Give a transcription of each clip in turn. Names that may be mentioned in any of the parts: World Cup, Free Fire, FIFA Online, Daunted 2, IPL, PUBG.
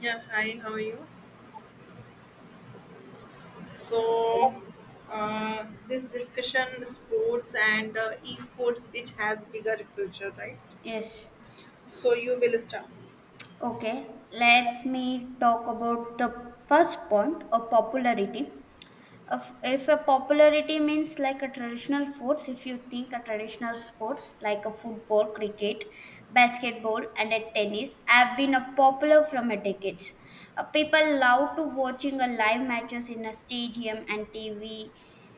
Yeah, hi, how are you? So, this discussion sports and esports, which has bigger future, right? Yes. So you will start. Okay. Let me talk about the first point of popularity. If a popularity means like a traditional sports, if you think a traditional sports like a football, cricket, basketball, and a tennis have been a popular from a decades. People love to watching a live matches in a stadium and TV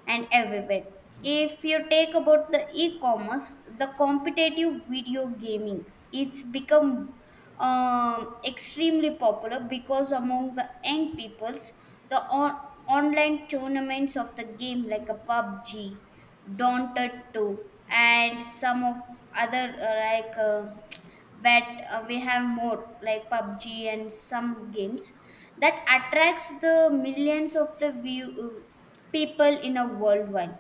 and everywhere. If you take about the e-commerce, the competitive video gaming, it's become extremely popular because among the young peoples, the on- online tournaments of the game like a PUBG, Daunted 2, and some of other like bet we have more like PUBG and some games that attracts the millions of the view people in a worldwide.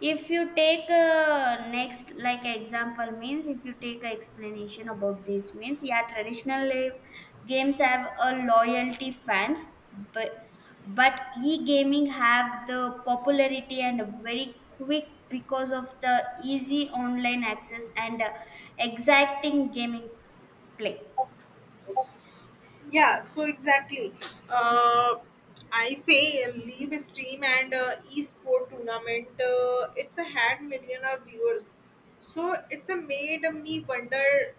If you take next like example means, if you take a explanation about this means, yeah, traditional games have a loyalty fans, but but e-gaming have the popularity and very quick because of the easy online access and exacting gaming play. Yeah, so exactly. Uh, I say leave stream and esport tournament. It's a had million of viewers. So it's a made me wonder.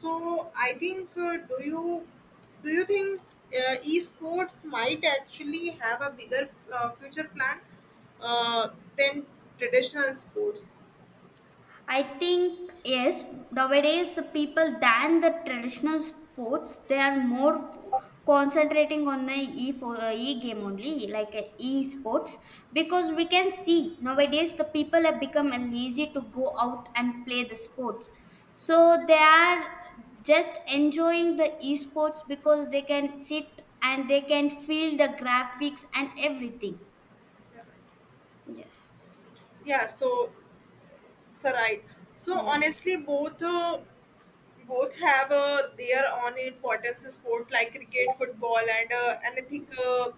So I think do you think esports might actually have a bigger future plan uh, than traditional sports? I think yes, nowadays the people than the traditional sports, they are more concentrating on the e game only, like e sports, because we can see nowadays the people have become lazy to go out and play the sports. So they are just enjoying the esports because they can sit and they can feel the graphics and everything. Yes. Yeah. So, sir, right. So Yes. honestly, both. Both have their own importance in sport like cricket football and anything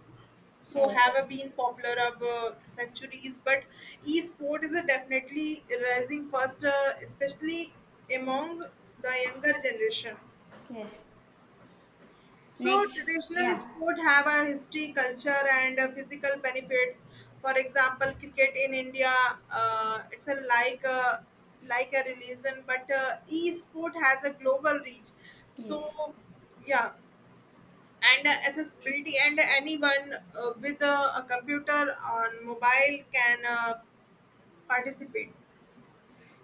so have Yes. Been popular of centuries, but e-sport is a definitely rising fast, especially among the younger generation. Yes. So Next, traditional yeah, sport have a history, culture, and physical benefits. For example, cricket in India, it's a like a religion, but e-sport has a global reach. yes. So yeah, and accessibility, and anyone with a computer on mobile can participate.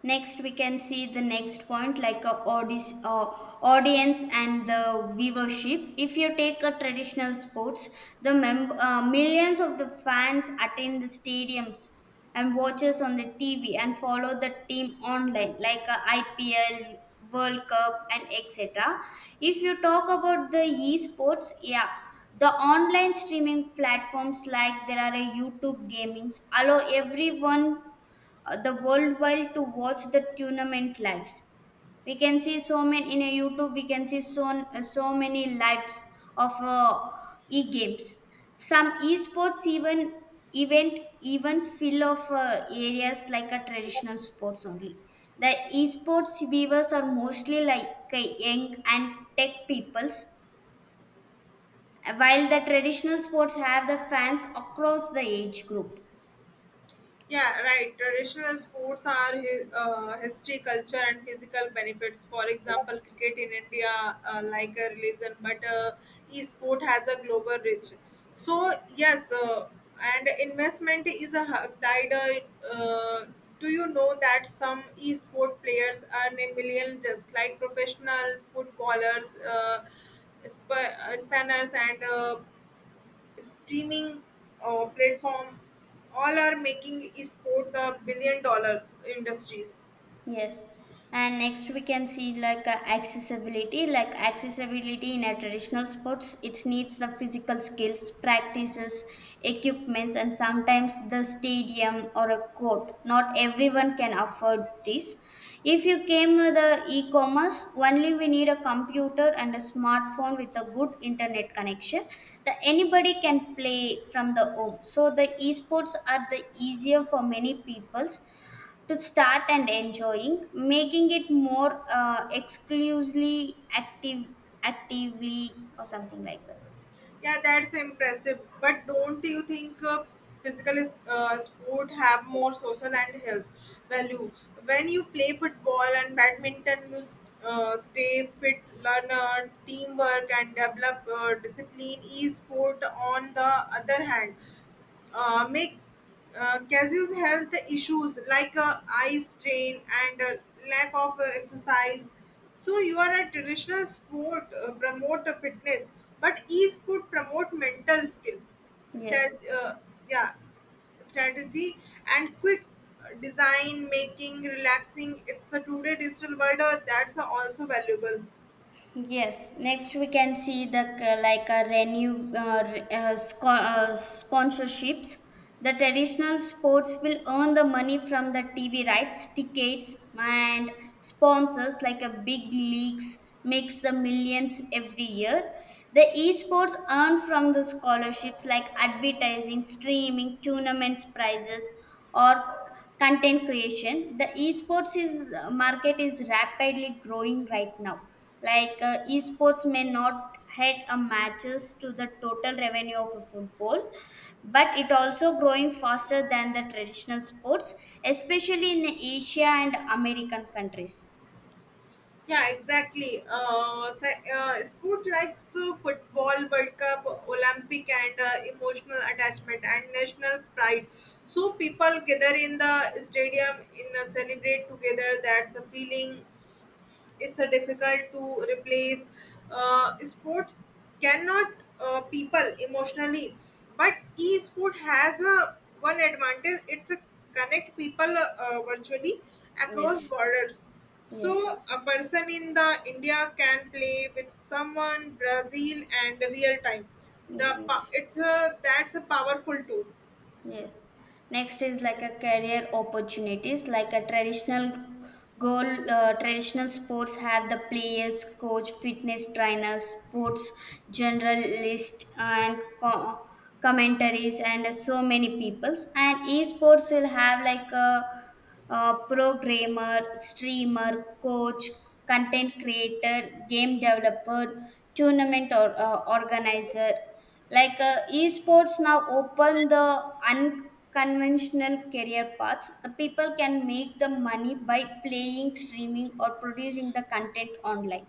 Next, we can see the next point like audience and the viewership. If you take a traditional sports, millions of the fans attend the stadiums and watches on the TV and follow the team online like IPL, World Cup, and etc. If you talk about the esports, yeah, the online streaming platforms like there are a YouTube gamings allow everyone the worldwide to watch the tournament lives. We can see so many in a youtube, we can see so many lives of e-games. Some esports event even fill of areas like a traditional sports only. The esports viewers are mostly like young and tech peoples, while the traditional sports have the fans across the age group. Yeah, right. Traditional sports are history, culture, and physical benefits. For example, cricket in India, like a religion, but e-sport has a global reach. So yes, and investment is a tied. Do you know that some e-sport players earn a million just like professional footballers, spanners, and streaming platform all are making sport the billion-dollar industries. Yes. And next we can see like accessibility. Like accessibility in a traditional sports, it needs the physical skills, practices, equipments, and sometimes the stadium or a court. Not everyone can afford this. If you came with the e-commerce, only we need a computer and a smartphone with a good internet connection. That anybody can play from the home. So the esports are the easier for many peoples to start and enjoying, making it more exclusively active, actively or something like that. Yeah, that's impressive, but don't you think sport have more social and health value. When you play football and badminton you stay fit, learn teamwork, and develop discipline. E-sport on the other hand make casus health issues like eye strain and lack of exercise. So you are a traditional sport promote fitness, but e-sport promote mental skill, Stat- Yes. uh, yeah, strategy and quick design making relaxing. It's a today digital world, that's also valuable. Yes, next we can see the like a renew re- sco- sponsorships. The traditional sports will earn the money from the TV rights, tickets, and sponsors like a big leagues makes the millions every year. The esports earn from the scholarships like advertising, streaming, tournaments, prizes, or content creation. The esports is market is rapidly growing right now. Like esports may not head a matches to the total revenue of a football, but it also growing faster than the traditional sports, especially in Asia and American countries. Yeah, exactly. Sport like so football, World Cup, Olympic, and emotional attachment and national pride. So people gather in the stadium in celebrate together. That's a feeling, it's a difficult to replace. Sport cannot people emotionally, but e-sport has a one advantage. It's a connect people virtually across Yes, borders. yes, So a person in the India can play with someone Brazil and real time. Yes. It's a, that's a powerful tool. Yes. Next is like a career opportunities, like a traditional goal. Traditional sports have the players, coach, fitness trainers, sports generalist, and commentaries, and so many peoples. And esports will have like a programmer, streamer, coach, content creator, game developer, tournament or organizer. Like esports now open the unconventional career paths, the people can make the money by playing, streaming, or producing the content online.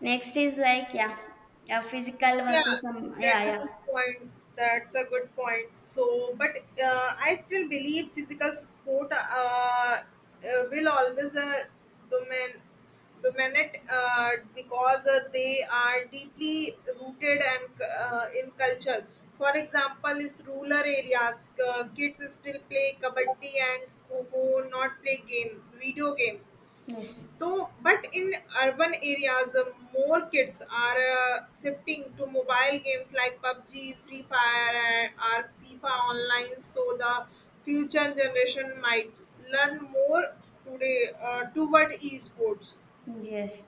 Next is like yeah, yeah, physical Yeah, versus some, yeah, that's a yeah, good point. So, but I still believe physical sport will always domin- dominate because they are deeply rooted and in culture. For example, in rural areas, kids still play kabaddi and kho, not play game, video game. yes. So, but in urban areas, more kids are shifting to mobile games like PUBG, Free Fire, and or FIFA Online. So the future generation might learn more today toward esports. Yes.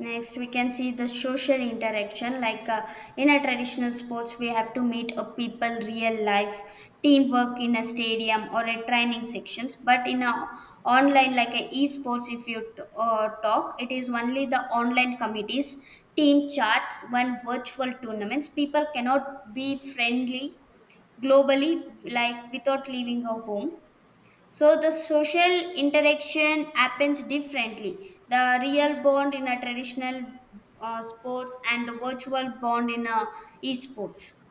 Next, we can see the social interaction. Like in a traditional sports, we have to meet a people, real life, teamwork in a stadium or a training sections. But in a online, like a esports, if you talk, it is only the online committees, team chats, one virtual tournaments. People cannot be friendly globally, like without leaving a home. So the social interaction happens differently. The real bond in a traditional sports and the virtual bond in a esports.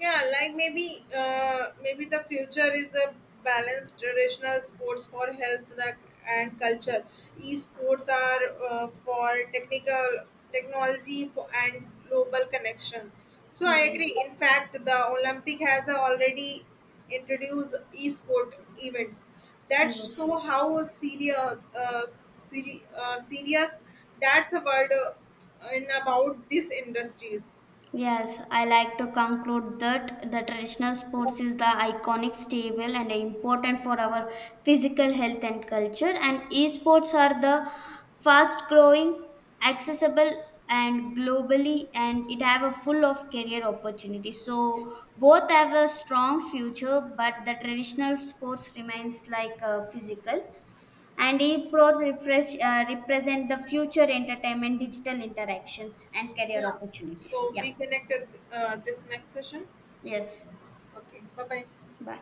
Yeah, like maybe the future is a balanced traditional sports for health the and culture. Esports are for technical technology for, and global connection. So I agree. Yes, In fact, the Olympic has already introduced esport events. That's yes. so how serious serious, that's a word in about these industries. Yes, I like to conclude that the traditional sports is the iconic, stable, and important for our physical health and culture. And esports are the fast growing, accessible, and globally, and it have a full of career opportunities. So both have a strong future, but the traditional sports remains like physical, and esports refresh represent the future entertainment, digital interactions, and Yeah. career opportunities. So Yeah. we connected this next session. Yes. Okay. Bye bye. Bye.